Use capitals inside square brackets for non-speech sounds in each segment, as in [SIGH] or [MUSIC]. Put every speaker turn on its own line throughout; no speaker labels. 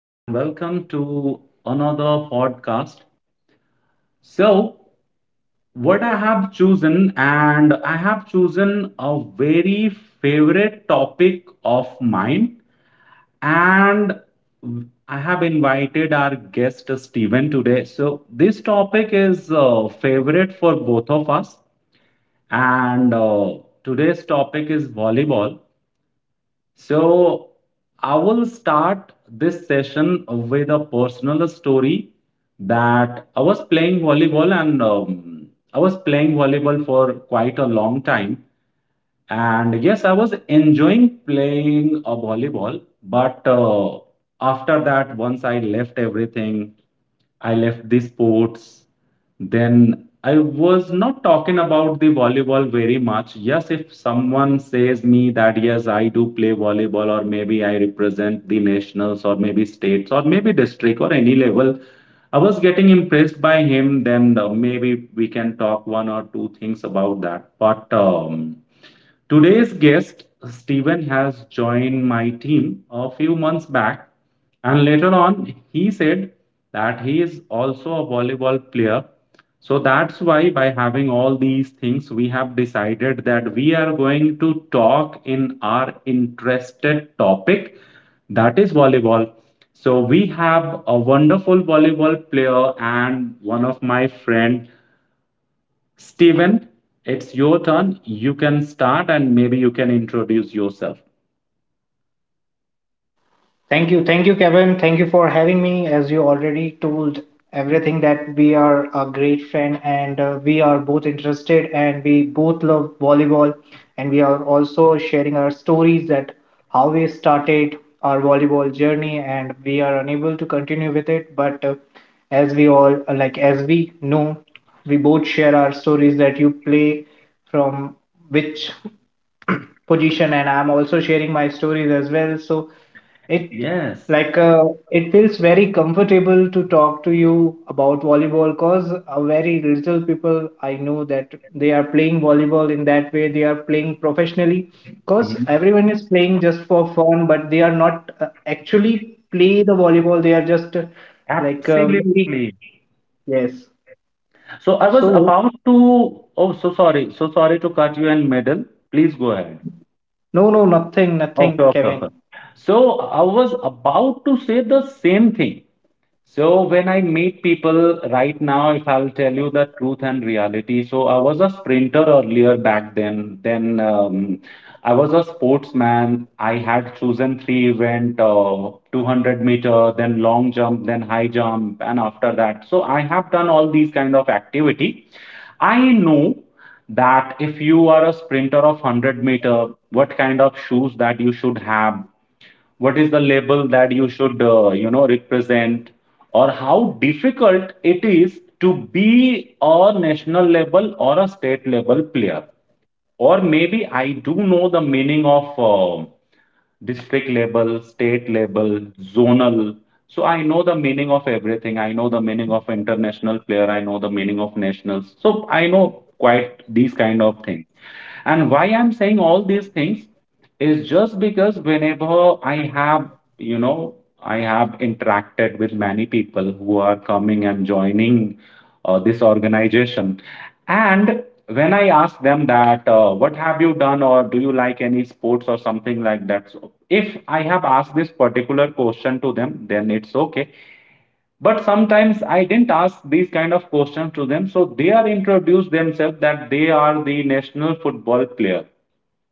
and welcome to another podcast. So, what I have chosen, and I have chosen a very favorite topic of mine, and I have invited our guest Steven today. So, this topic is favorite for both of us, and today's topic is volleyball. So, I will start this session with a personal story that I was playing volleyball, and I was playing volleyball for quite a long time. And yes, I was enjoying playing a volleyball, but after that, once I left everything, I left the sports, then I was not talking about the volleyball very much. Yes, if someone says me that yes, I do play volleyball, or maybe I represent the nationals, or maybe states, or maybe district, or any level, I was getting impressed by him. Then maybe we can talk one or two things about that. But today's guest, Steven, has joined my team a few months back, and later on, he said that he is also a volleyball player. So that's why, by having all these things, we have decided that we are going to talk in our interested topic, that is volleyball. So we have a wonderful volleyball player and one of my friend. Steven, it's your turn. You can start and maybe you can introduce yourself.
Thank you. Thank you, Kevin. Thank you for having me. As you already told everything that we are a great friend and we are both interested and we both love volleyball, and we are also sharing our stories that how we started our volleyball journey and we are unable to continue with it but as we all as we know, we both share our stories that you play from which [CLEARS THROAT] position, and I'm also sharing my stories as well. So it
Yes.
like uh, it feels very comfortable to talk to you about volleyball, because very little people I know that they are playing volleyball in that way. They are playing professionally, because
Mhm,
everyone is playing just for fun, but they are not actually play the volleyball. They are just maybe
absolutely.
yes.
So I was
So
about to. Oh, so sorry. So sorry to cut you in middle. Please go ahead.
no, no, nothing,
Okay,
nothing,
okay, okay.
Kevin.
So I was about to say the same thing. So when I meet people right now, if I'll tell you the truth and reality, so I was a sprinter earlier back then. Then I was a sportsman. I had chosen three event, 200 meter, then long jump, then high jump, and after that. So I have done all these kind of activity. I know that if you are a sprinter of 100-meter, what kind of shoes that you should have, what is the label that you should you know represent, or how difficult it is to be a national level or a state level player, or maybe I do know the meaning of district level, state level, zonal. So I know the meaning of everything. I know the meaning of international player. I know the meaning of nationals. So I know quite these kind of things. And why I'm saying all these things is just because whenever I have, you know, I have interacted with many people who are coming and joining this organization. And when I ask them that, what have you done, or do you like any sports or something like that? So if I have asked this particular question to them, then it's okay. But sometimes I didn't ask these kind of questions to them, so they are introduced themselves that they are the national football player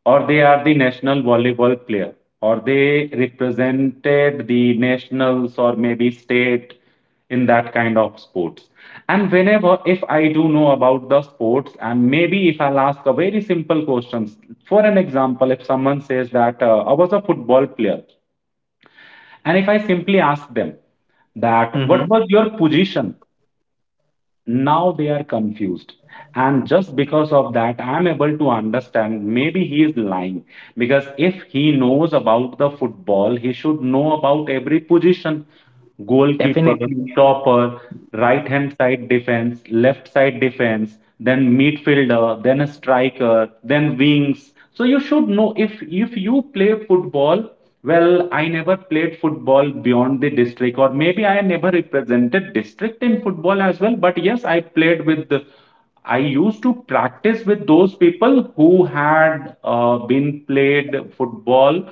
or they are the national volleyball player, or they represented the nationals or maybe state in that kind of sports. And whenever, if I do know about the sports, and maybe if I'll ask a very simple questions, for an example, if someone says that I was a football player, and if I
Yes.
simply ask them that what
Mm-hmm.
was your position, now they are confused, and just because of that I'm able to understand maybe he is lying, because if he knows about the football he should know about every position: goalkeeper,
Definitely.
stopper, right hand side defense, left side defense, then midfielder, then a striker, then wings. So you should know if you play football. Well, I never played football beyond the district, or maybe I never represented district in football as well. But yes, I played with the, I used to practice with those people who had been played football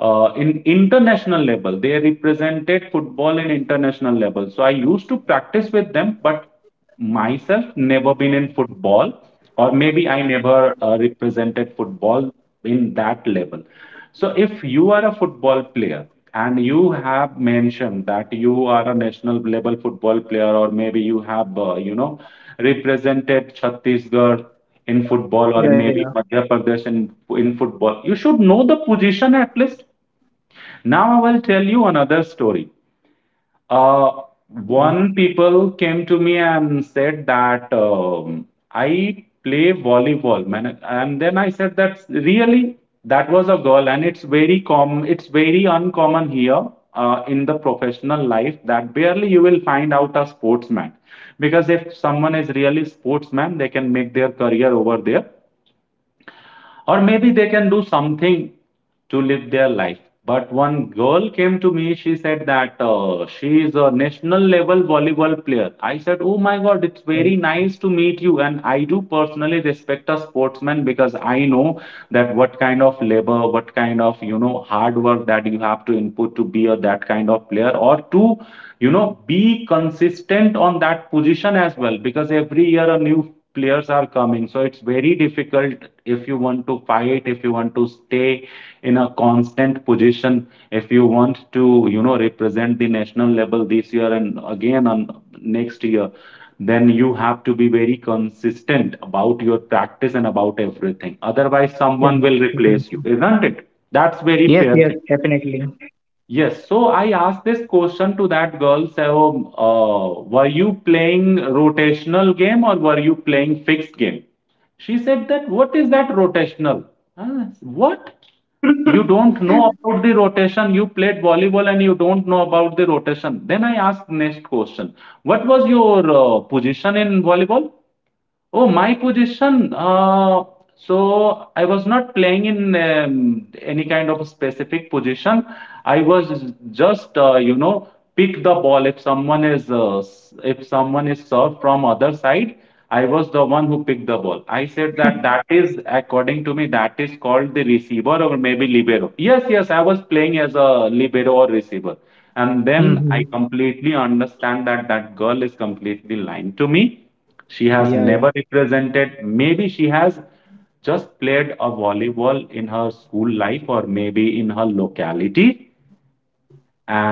in international level. They represented football in international level. So I used to practice with them, but myself, never been in football, or maybe I never represented football in that level. So, if you are a football player and you have mentioned that you are a national level football player, or maybe you have, you know, represented Chhattisgarh in football,
Yeah,
or
yeah.
maybe Madhya Pradesh in football, you should know the position at least. Now, I will tell you another story.
Yeah,
Uh,
yeah, definitely.
One people came to me and said that I play volleyball, man. And then I said that really, that was a girl, and it's very com, it's very uncommon here in the professional life that barely you will find out a sportsman, because if someone is really sportsman, they can make their career over there or maybe they can do something to live their life. But one girl came to me, she said that she is a national level volleyball player. I said, oh my
Oh
God,
my
it's
God.
very nice to meet you. And I do personally respect a sportsman because I know that what kind of labor, what kind of, you know, hard work that you have to input to be a that kind of player or to, you know, be consistent on that position as well, because every year a new players are coming, so it's very difficult, if you want to fight, if you want to stay in a constant position, if you want to, you know, represent the national level this year and again on next year, then you have to be very consistent about your practice and about everything, otherwise
Yeah,
someone will replace
definitely.
you, isn't it? That's very
Yes,
fair
yes,
thing.
definitely.
Yes, so I asked this question to that girl. So, were you playing rotational game or were you playing fixed game? She said that what is that rotational? Huh? What? You
[LAUGHS]
don't know about the rotation. You played volleyball and you don't know about the rotation. Then I asked next question. What was your position in volleyball? Oh, my position. So I was not playing in any kind of a specific position. I was just, you know, pick the ball if someone is if someone is served from other side. I was the one who picked the ball. I said that that is according to me that is called the receiver or maybe libero. Yes, yes, I was playing as a libero or receiver, and then I
Mm-hmm.
completely understand that that girl is completely lying to me. She has
Yeah, yeah.
never represented, maybe she has just played a volleyball in her school life or maybe in her locality.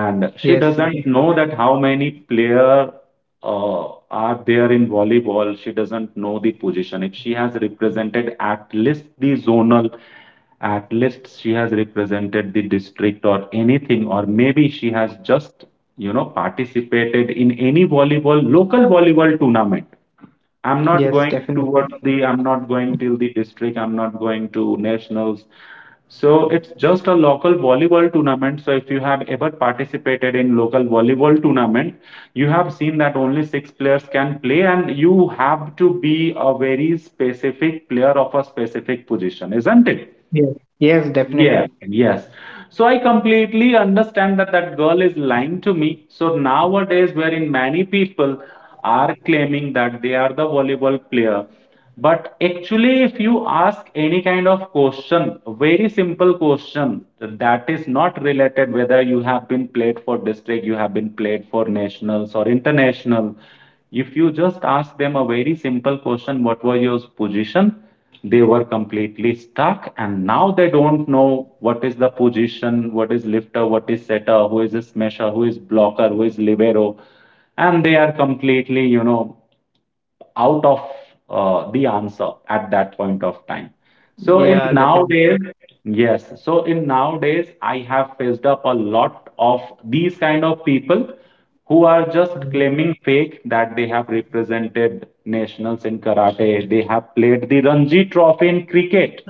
Yes, yes,
she
yes,
doesn't know that how many player uh, are there in volleyball. She doesn't know the position. If she has represented at least the zonal, at least she has represented the district or anything, or maybe she has just, you know, participated in any volleyball, local volleyball tournament. I'm
yes,
not going
definitely.
towards the, I'm not going till the district, I'm not going to nationals. So it's just a local volleyball tournament. So if you have ever participated in local volleyball tournament, you have seen that only 6 players can play and you have to be a very specific player of a specific position, isn't it?
Yes, yes, definitely.
Yes, yes. So I completely understand that that girl is lying to me. So nowadays, wherein many people are claiming that they are the volleyball player, but actually, if you ask any kind of question, very simple question that is not related whether you have been played for district, you have been played for nationals or international. If you just ask them a very simple question, what was your position? They were completely stuck, and now they don't know what is the position, what is lifter, what is setter, who is a smasher, who is blocker, who is libero, and they are completely, you know, out of the answer at that point of time. So
Yeah,
in
definitely.
nowadays, yes, so in nowadays I have faced up a lot of these kind of people who are just
Mm.
claiming fake that they have represented nationals in karate, they have played the Ranji Trophy in cricket,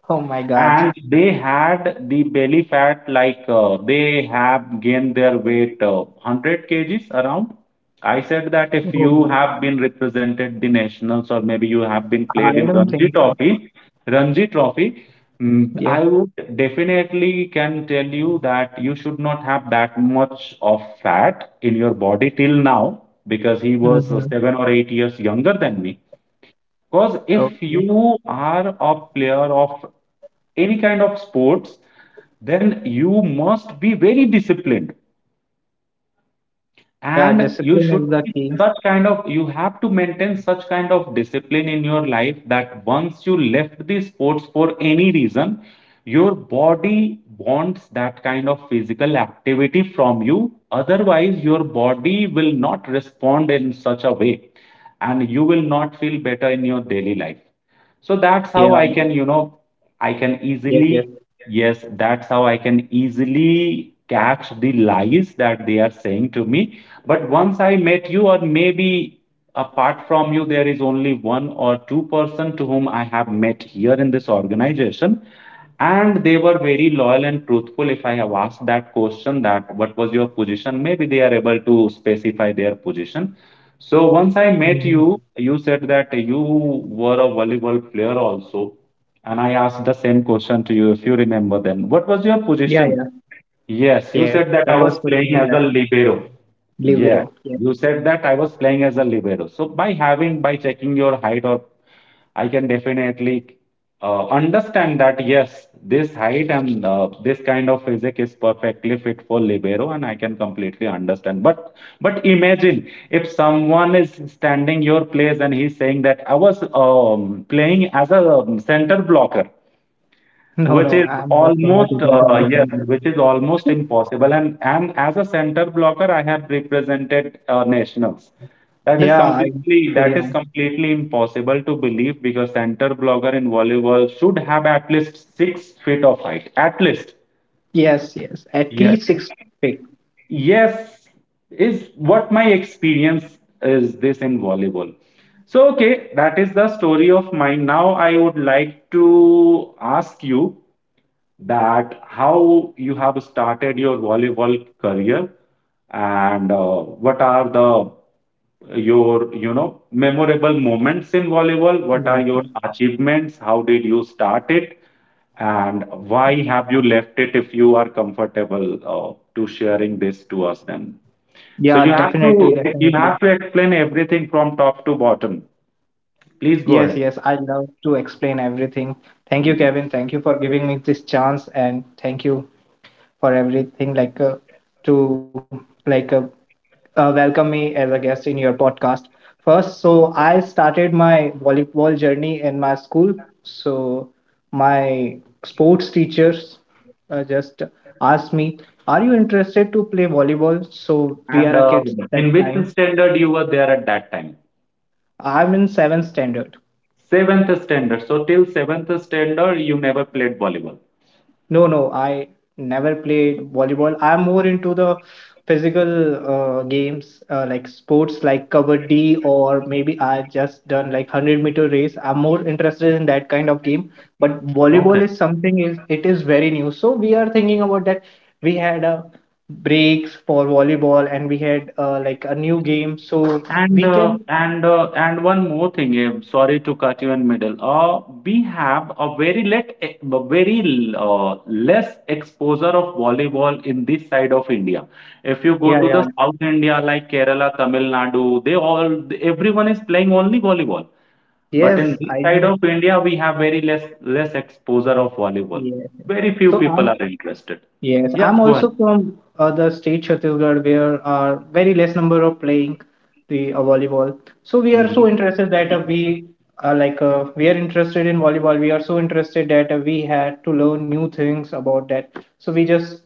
Oh my God.
and they had the belly fat, like they have gained their weight 100 kg kgs around. I said that if
Oh,
you
my-
have been represented the nationals or maybe you have been
I
played in
don't
Ranji
think so.
Trophy, Ranji Trophy, mm, I
Yes.
would definitely can tell you that you should not have that much of fat in your body till now, because he was
Mm-hmm.
7 or 8 years younger than me. Because if
Okay.
you are a player of any kind of sports, then you must be very disciplined
Yeah,
and you
discipline
should
is the
be
key.
such kind of you have to maintain such kind of discipline in your life that once you left the sports for any reason your body wants that kind of physical activity from you, otherwise your body will not respond in such a way and you will not feel better in your daily life. So that's how
Yeah.
i can you know i can
Yes, yes.
easily Yes, that's how I can easily catch the lies that they are saying to me. But once I met you, or maybe apart from you there is only one or two person to whom I have met here in this organization, and they were very loyal and truthful. If I have asked that question that what was your position, maybe they are able to specify their position. So once I met
Mm-hmm.
you, you said that you were a volleyball player also, and I asked the same question to you if you remember then. What was your
Yeah, yeah.
position? Yes, you
Yes.
said that
The
I
first
was
question
playing
is
as a
that
libero. Yeah,
Libero. Yes. [LAUGHS]
you said that I was playing as a libero. So by having, by checking your height, or I can definitely understand that yes, this height and this kind of physique is perfectly fit for libero, and I can completely understand. But imagine if someone is standing your place and he's saying that I was playing as a center blocker,
No,
which
no,
is
I'm also not
almost
able to
yes,
understand it.
which is almost impossible. And as a center blocker I have represented nationals,
Yeah, I, you
that is
know.
completely impossible to believe, because center blocker in volleyball should have at least 6 feet of height at least.
Yes, yes. At
Yes,
least six feet.
yes, is what my experience is this in volleyball. So okay, that is the story of mine. Now I would like to ask you that how you have started your volleyball career, and what are the your memorable moments in volleyball, what are
Yes.
your
Yes.
achievements, how did you start it, and why have you left it? If you are comfortable to sharing this to us, then so
Yeah,
you have
definitely,
to
definitely.
explain everything from top to bottom. Please
Yes,
go
yes,
ahead.
I love to explain everything. Thank you,
Mhm.
Kevin. Thank you for giving me this chance, and thank you for everything. Like to like Welcome me as a guest in your podcast. First, so I started my volleyball journey in my school. So my sports teachers just asked me, "Are you interested to play volleyball?" So we
And
are a kids
in
that
which
time.
standard you were there at that time?
I'm in seventh standard.
Seventh standard. So till seventh standard, you never played volleyball.
No, no, I never played volleyball. I'm more into the physical games like sports like kabaddi, or maybe I just done like 100-meter race. I'm more interested in that kind of game. But volleyball
Okay.
is something, is it is very new. So we are thinking about that. We had a breaks for volleyball and we had a new game. So
And
we can
one more thing. Sorry to cut you in middle. We have a very very less exposure of volleyball in this side of India. If you go
yeah,
to
yeah,
the South India like Kerala, Tamil Nadu, they all everyone is playing only volleyball. But in
yes,
this
I
side
know.
of India, we have very less exposure of volleyball.
Yeah.
Very few
So
people
I'm
are interested.
yes,
Yes,
I'm
go ahead.
also from the state Chhattisgarh where are very less number of playing the volleyball. So we are
Mhm.
so interested that we are interested in volleyball. We are so interested that we had to learn new things about that. So we just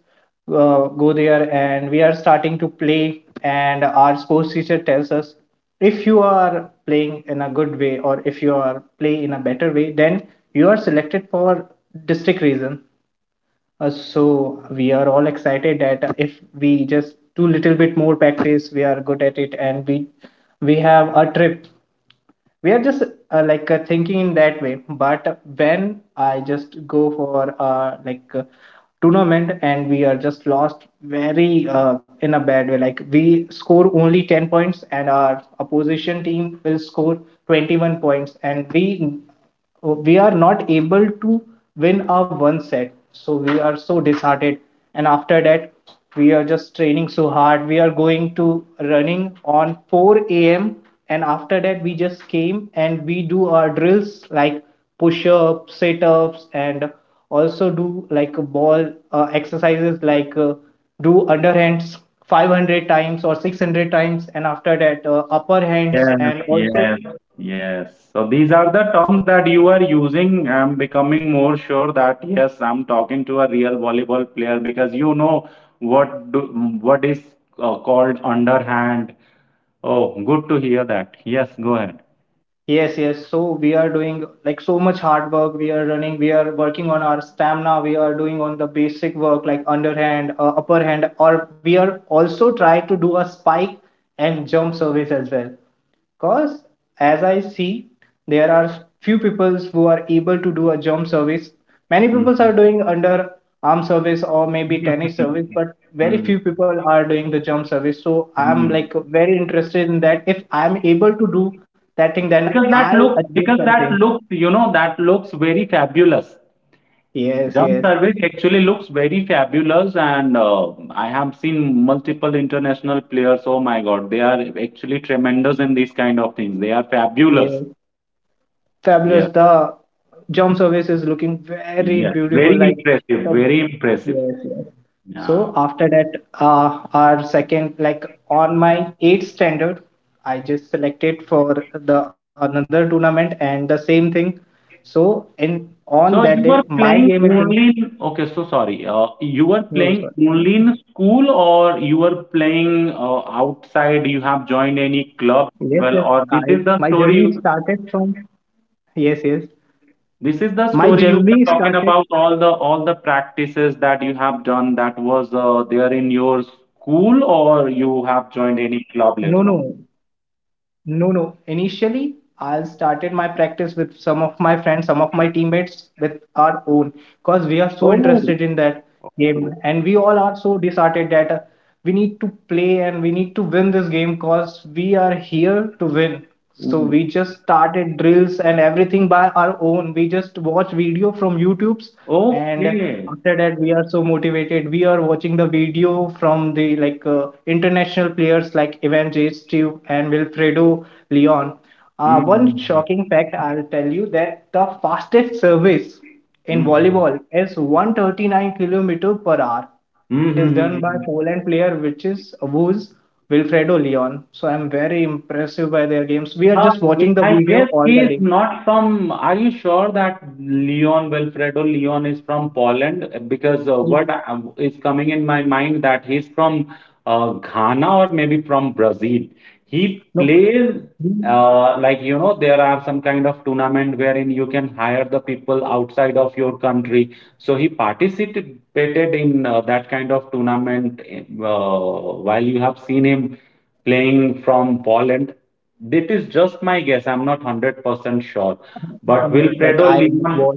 go there and we are starting to play. And our sports teacher tells us if you are playing in a good way, or if you are play in a better way, then you are selected for district region. So we are all excited that if we just do little bit more practice, we are good at it, and we have a trip. We are just thinking in that way. But when I just go for tournament, and we are just lost very in a bad way. Like we score only 10 points and our opposition team will score 21 points, and we are not able to win our one set. So we are so disheartened. And after that, we are just training so hard. We are going to running on 4 a.m. And after that, we just came and we do our drills like push ups, sit ups, and also do like ball exercises like do underhands 500 times or 600 times, and after that, upper hands,
Yes,
and also
yes, yes. So these are the terms that you are using. I'm becoming more sure that yes, I'm talking to a real volleyball player because what do, what is called underhand. Oh, good to hear that. Yes, go ahead.
yes, yes. So we are doing like so much hard work. We are running, we are working on our stamina. We are doing on the basic work like underhand, upper hand, or we are also try to do a spike and jump service as well. Because as I see, there are few people who are able to do a jump service. Many people
Mhm.
are doing under arm service or maybe tennis service, but very
Mhm.
few people are doing the jump service. So I'm
Mhm.
like very interested in that. If I'm able to do that thing, then
Because that
I'll
look,
achieve
because that
something.
looks, you know, that looks very fabulous.
Yes,
Jump
yes,
service actually looks very fabulous, and I have seen multiple international players. Oh my God, they are actually tremendous in these kind of things. They are fabulous.
yes, fabulous.
Yes,
The jump service is looking very
yes,
beautiful.
very
Like
impressive,
the
very impressive.
yes, yes. So
Yeah.
after that, our second like on my eighth standard, I just selected for the another tournament and the same thing. So in
So you
on
were
that day,
playing
my game is
only
in.
in, okay, so sorry. You were playing
No, sorry.
only in school, or you were playing outside? You have joined any club
Yes,
as well,
yes.
or this
I
is the
my
story?
journey started from yes, yes.
This is the
My
story you were
journey
talking
started.
about all the practices that you have done, that was there in your school, or you have joined
No,
any
no.
club later on?
No, no. Initially, I started my practice with some of my friends, some of my teammates with our own, because we are so
Oh,
interested in that game, and we all are so disheartened that we need to play and we need to win this game because we are here to win. So we
mm.
just started drills and everything by our own. We just watch video from YouTube's, and
Okay.
after that we are so motivated. We are watching the video from the international players like Ivan Steve and Wilfredo Leon.
Mm,
One
mm,
shocking fact I'll tell you that the fastest service in
mm,
volleyball is 139 kilometer per hour. It
mm.
is done by
Mm.
Poland player which is who's Wilfredo Leon. So I'm very impressive by their games. We are
Uh,
just watching the
I
video
guess
all
he
the
is
day.
not from. Are you sure that Leon Wilfredo Leon is from Poland? Because what
Ye-
I- is coming in my mind that he's from Ghana or maybe from Brazil. He
No,
plays
we-
like you know, there are some kind of tournament wherein you can hire the people outside of your country, so he participated in that kind of tournament while you have seen him playing from Poland. That is just my guess, I'm not 100% sure.
uh,
But
like I
Wilfredo
was
Lima,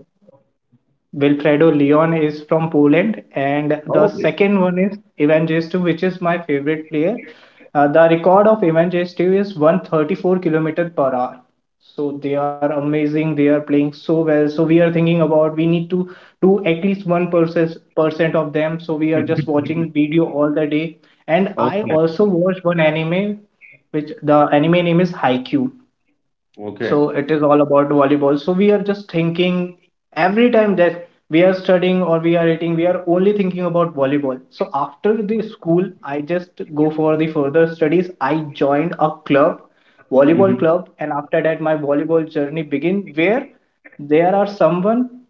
Wilfredo Leon is from Poland, and the
okay.
second one is Evangestu, which is my favorite player. The record of Evangestu is 134 kilometer per hour. So they are amazing. They are playing so well. So we are thinking about we need to do at least 1% of them. So we are just watching
[LAUGHS]
video all the day. And I
Okay,
also watched one anime, which the anime name is Haikyuu.
okay.
So it is all about volleyball. So we are just thinking every time that we are studying or we are eating, we are only thinking about volleyball. So after the school, I just go for the further studies. I joined a club, volleyball
Mhm.
club, and after that my volleyball journey begin, where there are someone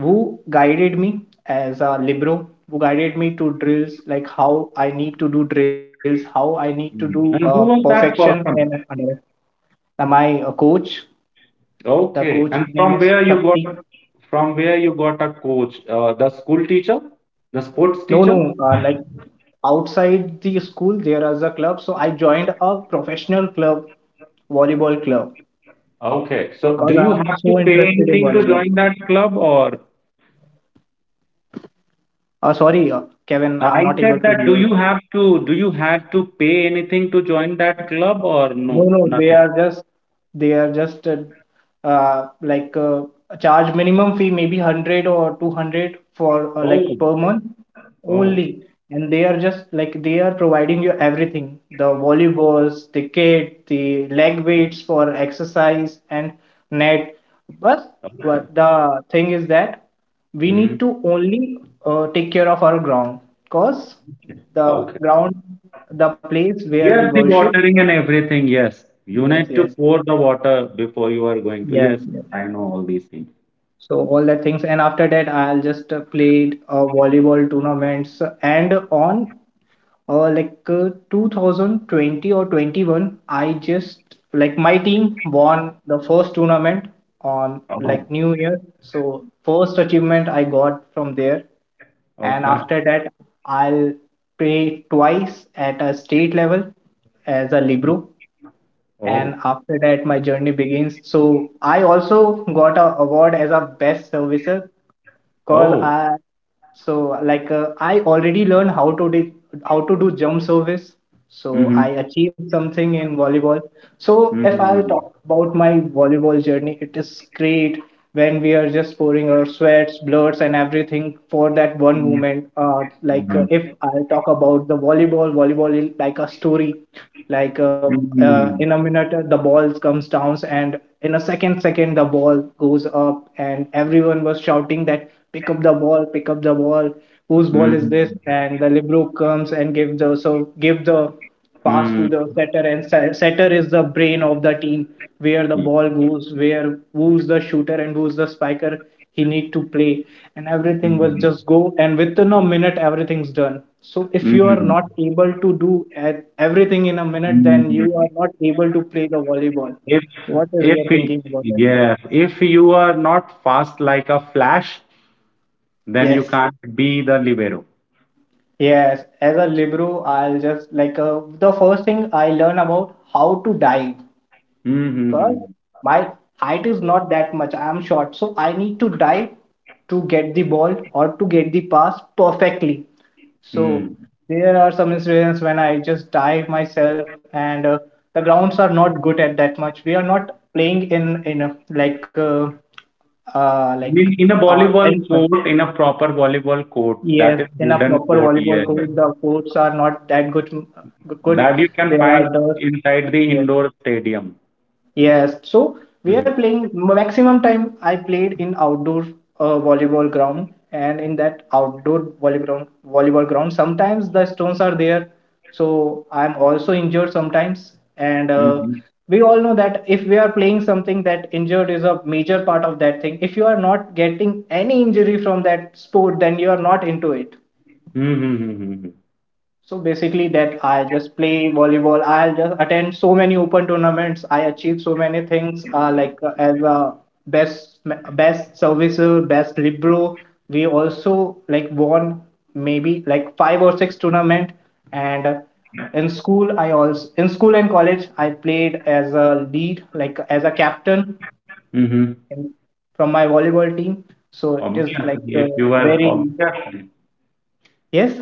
who guided me as a libero, who guided me to drills like how I need to do drills, how I need to do
Mhm. And who was
perfection
that
and
person?
under my coach. The coach
Okay. And
name is Shakti.
from where you got a coach? The school teacher? The sports
No,
teacher?
no, outside the school there is a club. So I joined a professional club, volleyball club,
Okay. So do
because
you
I'm
have to
so
pay
interested in
anything to
volleyball.
join that club, or
Sorry, Kevin, I'm
I
not
said
able to
that
hear.
do you have to pay anything to join that club or
No,
no?
no,
Nothing.
they are just uh, like uh, charge minimum fee, maybe 100 or 200 for
Oh.
per month
Oh.
only, and they are just like they are providing you everything, the volleyballs, the kit, the leg weights for exercise and net. but,
Okay.
but the thing is that we need
Hmm.
to only take care of our ground, because the
Okay.
ground, the place where we
Yes, the
worship,
watering and everything. Yes. You
yes,
need to
yes,
pour the water before you are going to.
yes,
Yes,
yes.
I know all these things.
So all that things, and after that, I'll just played volleyball tournaments. And on 2020 or 21, I just like my team won the first tournament on like
Oh,
New Year. So first achievement I got from there, and
okay.
after that, I'll play twice at a state level as a libro. And
Oh.
after that my journey begins. So I also got a award as a best servicer, cause
Oh.
I I already learned how to do jump service. So
Mhm.
I achieved something in volleyball. So if I'll
Mhm.
talk about my volleyball journey, it is great. When we are just pouring our sweats, bloods and everything for that one
Mhm.
moment.
Mhm.
If I will talk about the volleyball is like a story, like uh, in
Mhm.
a minute the ball comes down, and in a second the ball goes up, and everyone was shouting that pick up the ball, pick up the ball, whose ball is this,
Mhm.
and the libero comes and give the pass to the setter. And setter is the brain of the team, where the ball goes, where who's the shooter and who's the spiker, he need to play, and everything will
Mhm.
just go, and within a minute everything's done. So if you are
Mhm.
not able to do everything in a minute, then you
Mhm.
are not able to play the volleyball.
If
What is
if
your
y-
thinking about it?
Yes, if you are not fast like a flash, then you
Yes,
can't be the libero.
yes. As a libero, I'll just the first thing I learn about how to dive, because
Mm-hmm.
my height is not that much, I am short, so I need to dive to get the ball or to get the pass perfectly. So
Mm.
there are some incidents when I just dive myself, and the grounds are not good at that much. We are not playing in a like
In a
in
volleyball court, in a proper volleyball court,
yes,
that is
in a
wooden
proper
court,
volleyball
yes.
court. The courts are not that good. Good,
That you can
there
find
are dust.
inside the indoor stadium.
Yes, so we
Mm-hmm.
are playing maximum time I played in outdoor volleyball ground, and in that outdoor volleyball ground sometimes the stones are there, so I'm also injured sometimes. And
Mm-hmm.
we all know that if we are playing something, that injured is a major part of that thing. If you are not getting any injury from that sport, then you are not into it.
Mm-hmm. Mm-hmm, mm-hmm.
So basically that, I just play volleyball. I'll just attend so many open tournaments. I achieve so many things, as a best best servicer, best libero. We also like won maybe like five or six tournament, and in school and college I played as a lead, like as a captain
Mhm.
in, from my volleyball team. So it is like
Obviously, if you are
very
obviously,
yes,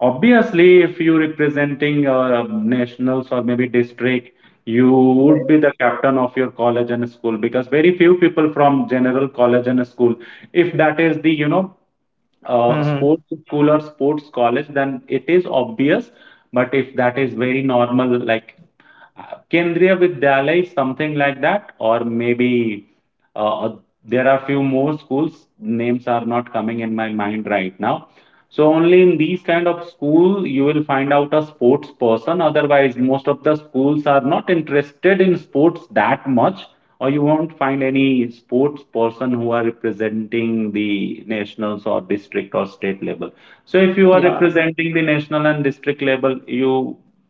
Obviously, if you representing nationals or maybe district, you would be
yeah.
the captain of your college and school, because very few people from general college and school, if that is the, you know,
Hmm.
sports school or sports college, then it is obvious. But if that is very normal, like Kendriya Vidyalaya is something like that, or maybe uh, uh, there are few more schools. Names are not coming in my mind right now. So only in these kind of school you will find out a sports person. Otherwise, most of the schools are not interested in sports that much, or you won't find any sports person who are representing the nationals or district or state level. So if you are
Yeah.
representing the national and district level, you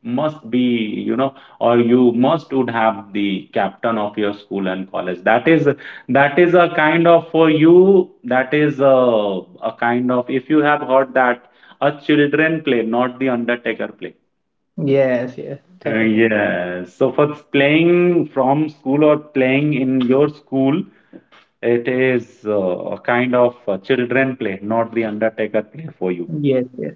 must be, you know, or you must would have the captain of your school and college. That is that is a kind of for you, that is a kind of, if you have heard that a children play not the undertaker play.
Yes, yes, definitely.
Yes. So for playing in your school, it is a kind of children play, not the undertaker play for you.
Yes, yes.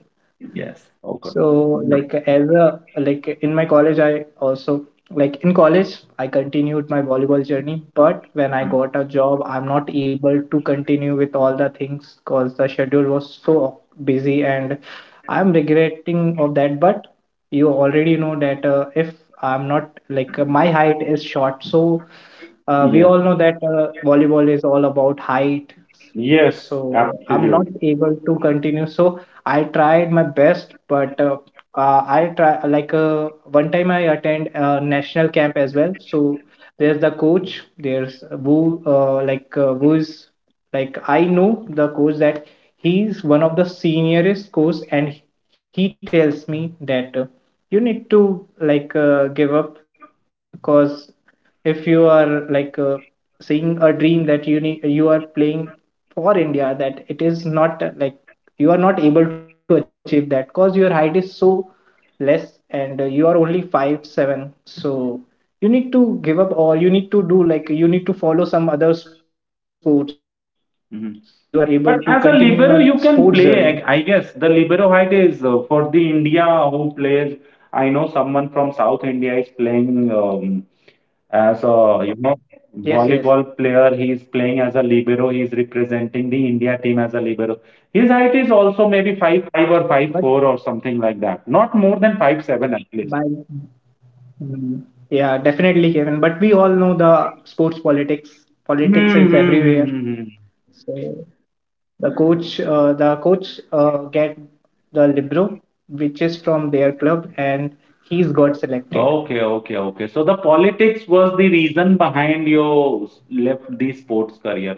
Yes. Okay.
So
Mm.
like as a like in my college I also like in college I continued my volleyball journey, but when I got a job, I'm not able to continue with all the things because the schedule was so busy. And I'm regretting of that, but you already know that, if I'm not like my height is short, so we
Yeah.
all know that volleyball is all about height, so
Yes,
I'm not
absolutely.
able to continue. So I tried my best, but I try, one time I attend a national camp as well. So there's the coach, there's who like who is like I know the coach, that he's one of the seniorest coach, and he tells me that, you need to give up because if you are seeing a dream that, you need, you are playing for India, that it is not, you are not able to achieve that because your height is so less. And you are only 5'7", so you need to give up, or you need to do, like, you need to follow some other sports so you are able to
Mhm.
continue your
But as a
sports journey.
libero, you can play. I guess the libero height is for the India who plays. I know someone from South India is playing as a, you know,
Yes, yes.
volleyball player. He is playing as a libero. He is representing the India team as a libero. His height is also maybe five five or
but
five four or something like that. Not more than 5'7" at least.
by Mm. Yeah, definitely, Kevin, but we all know the sports politics. Politics is everywhere.
Mm-hmm.
So the coach get the libro, which is from their club, and he's got selected.
Okay, okay, okay. So the politics was the reason behind you left the sports career,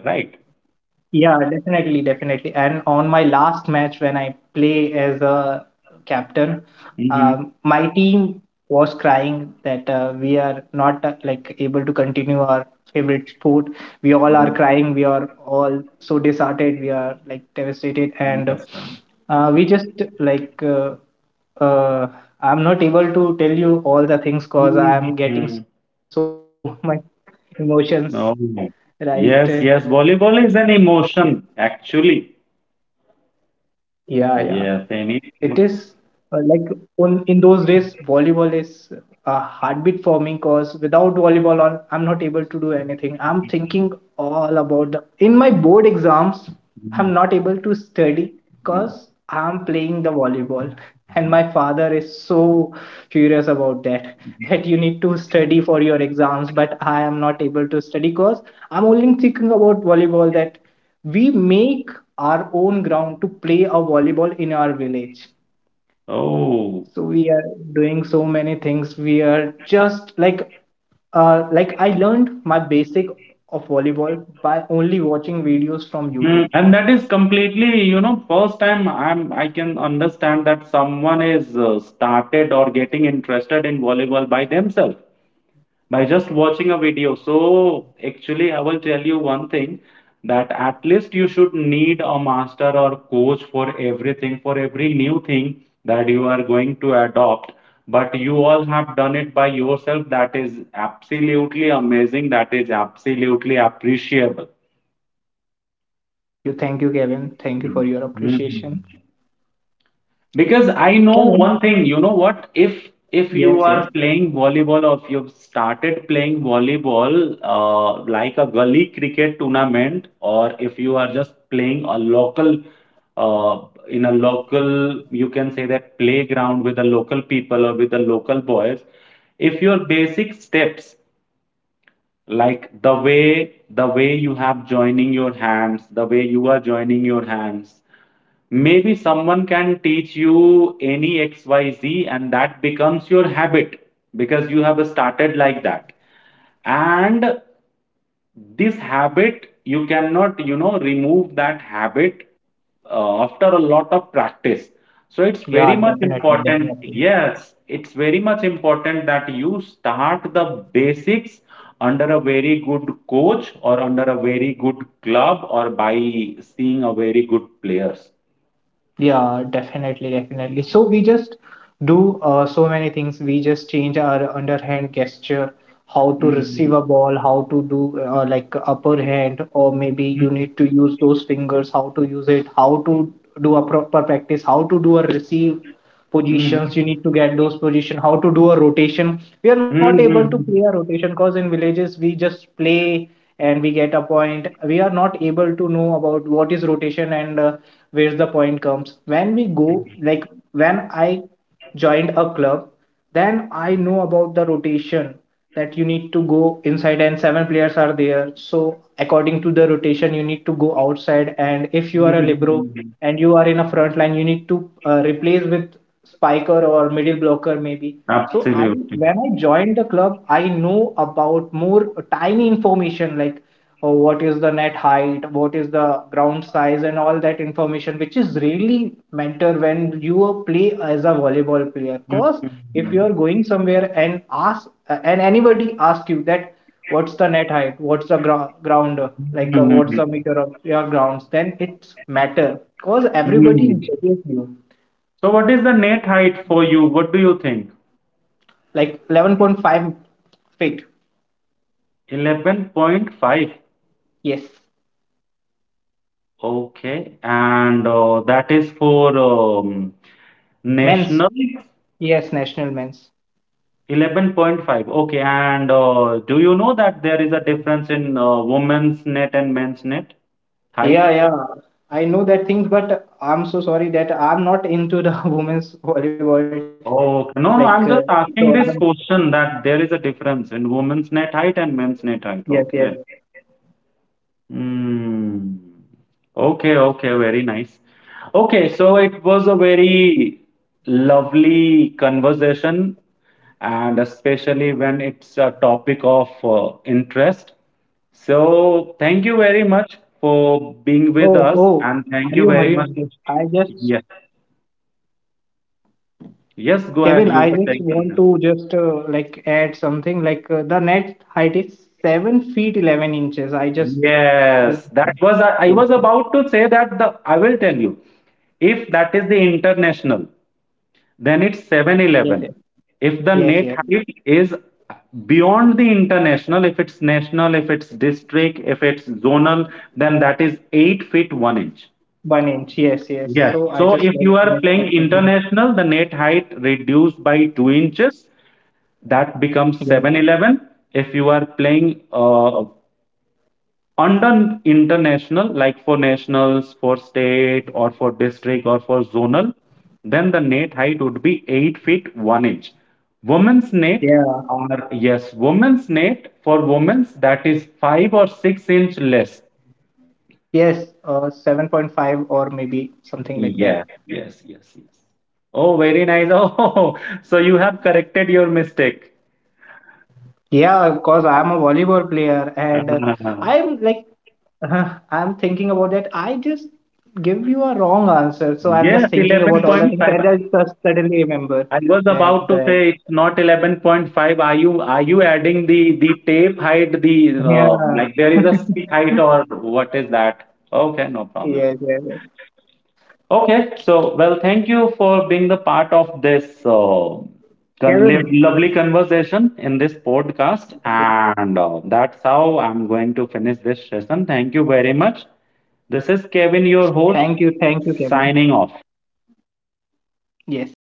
Yeah, definitely, definitely. And on my last match, when I play as a captain,
right?
my team was crying that, we are not, able to continue our favorite sport. We all are
Understand.
crying. We are all so disheartened. We are like devastated. And we just like uh, I'm not able to tell you all the things because I am getting
Mhm.
so [LAUGHS] much emotions,
No.
right? [LAUGHS]
Yes, yes. Volleyball is an emotion, actually.
Yeah, yeah.
Yes, any
It is,
sports.
uh, like in those days, volleyball is a heartbeat for me because without volleyball, I'm not able to do anything. I'm thinking all about the in my board exams,
Mhm.
I'm not able to study because I'm playing the volleyball. [LAUGHS] And my father is so furious about that, [LAUGHS] that you need to study for your exams, but I am not able to study because I'm only thinking about volleyball, that we make our own ground to play a volleyball in our village.
Oh,
So we are doing so many things. We are just like, I learned my basic of volleyball by only watching videos from
mm,
YouTube.
and that is completely, you know, first time I can understand that someone is started or getting interested in volleyball by themselves. By just watching a video. So actually, I will tell you one thing that at least you should need a master or coach for everything, for every new thing that you are going to adopt. But you all have done it by yourself. That is absolutely amazing. That is absolutely appreciable.
Thank you, Kevin. Thank you
Mhm.
for your
Mhm.
appreciation.
Because I know one
Kevin?
thing, you know what? If you
Yes,
are
yes.
playing volleyball, or if you've started playing volleyball like a gully cricket tournament, or if you are just playing a local uh, in a local, you can say that playground with the local people or with the local boys, if your basic steps, like the way you have joining your hands, the way you are joining your hands, maybe someone can teach you any XYZ and that becomes your habit because you have started like that. And this habit, you cannot, you know, remove that habit after a lot of practice. So it's very
Yeah,
much
definitely,
important.
definitely.
Yes, it's very much important that you start the basics under a very good coach or under a very good club or by seeing a very good players.
Yeah, definitely, definitely. So we just do so many things. We just change our underhand gesture, how to
Mhm.
receive a ball, how to do, upper hand, or maybe you
Mhm,
need to use those fingers, how to use it, how to do a proper practice, how to do a receive,
mhm,
positions, you need to get those position, how to do a rotation. We are not able to
mhm,
play a rotation because in villages we just play and we get a point. We are not able to know about what is rotation. And where's the point comes, when we go like when I joined a club, then I know about the rotation, that you need to go inside and seven players are there. So according to the rotation, you need to go outside. And if you are a libero
mhm.
and you are in a front line, you need to, replace with spiker or middle blocker maybe. So I
Absolutely.
when I joined the club, I know about more tiny information, like, oh, what is the net height, what is the ground size, and all that information, which is really matter when you play as a volleyball player. Cause if you are
Mhm,
going somewhere and ask, and anybody ask you that, what's the net height, what's the ground,
mhm,
what's the meter of your grounds, then it's matter. Cause everybody
mhm.
judges you.
So, what is the net height for you? What do you think?
Like, 11.5 feet.
11.5.
Yes,
Okay. And that is for
men's.
national.
Yes, national men's.
11.5. Okay. And do you know that there is a difference in women's net and men's net height?
Yeah, yeah. I know that things, but I'm so sorry that I'm not into the [LAUGHS] women's volleyball. Like,
Oh,
uh,
no, no, I'm
so
just
I'm,
asking this question that there is a difference in women's net height and men's net
yes,
height.
yes.
Okay. Hmm. Okay, okay, very nice. Okay, so it was a very lovely conversation, and especially when it's a topic of interest. So, thank you very much for being
Oh,
with
oh,
us, and thank
Hariom,
you
Hariom.
very much. Yes, yes, go
Kevin,
ahead.
I
You were
just
saying
want
something.
to just, add something. Like, the net height is 7 feet 11 inches. I just,
Yes, that was I
yes,
was
yes,
about to say that the I will tell you, if that is the international, then it's seven
yes,
eleven.
yes,
If the
yes,
net
yes.
height is beyond the international, if it's national, if it's district, if it's zonal, then that is 8 feet 1 inch.
One inch, yes, yes.
Yes.
So I
So
just
if
like
you are
messed up
playing
something.
international, the net height reduced by 2 inches, that becomes
Yes,
7'11". If you are playing under international, like for nationals, for state, or for district, or for zonal, then the net height would be 8 feet 1 inch. Women's net
yeah.
are, yes, women's net, for women's that is 5 or 6-inch less.
Yes, 7.5 or maybe something like
Yeah,
that.
yes, yes, yes, oh, very nice. [LAUGHS] Oh, so you have corrected your mistake.
Yeah, because I'm a volleyball player, and
[LAUGHS] Ah,
I'm like, [LAUGHS] I'm thinking about that. I just give you a wrong answer. So
yes,
I'm just thinking about all the
11.5.
things, and I just suddenly
I
remember
was about to say it's
that,
not 11.5. Are you, are you adding the tape height, the like,
yeah.
there is a seat
[LAUGHS]
height, or what is that? Okay, no problem.
Yes, yes, yes.
Okay, so well, thank you for being the part of this
Kevin.
lovely conversation in this podcast,
Okay.
and that's how I'm going to finish this session. Thank you very much. This is Kevin, your host,
Thank you, Kevin.
signing off.
Yes.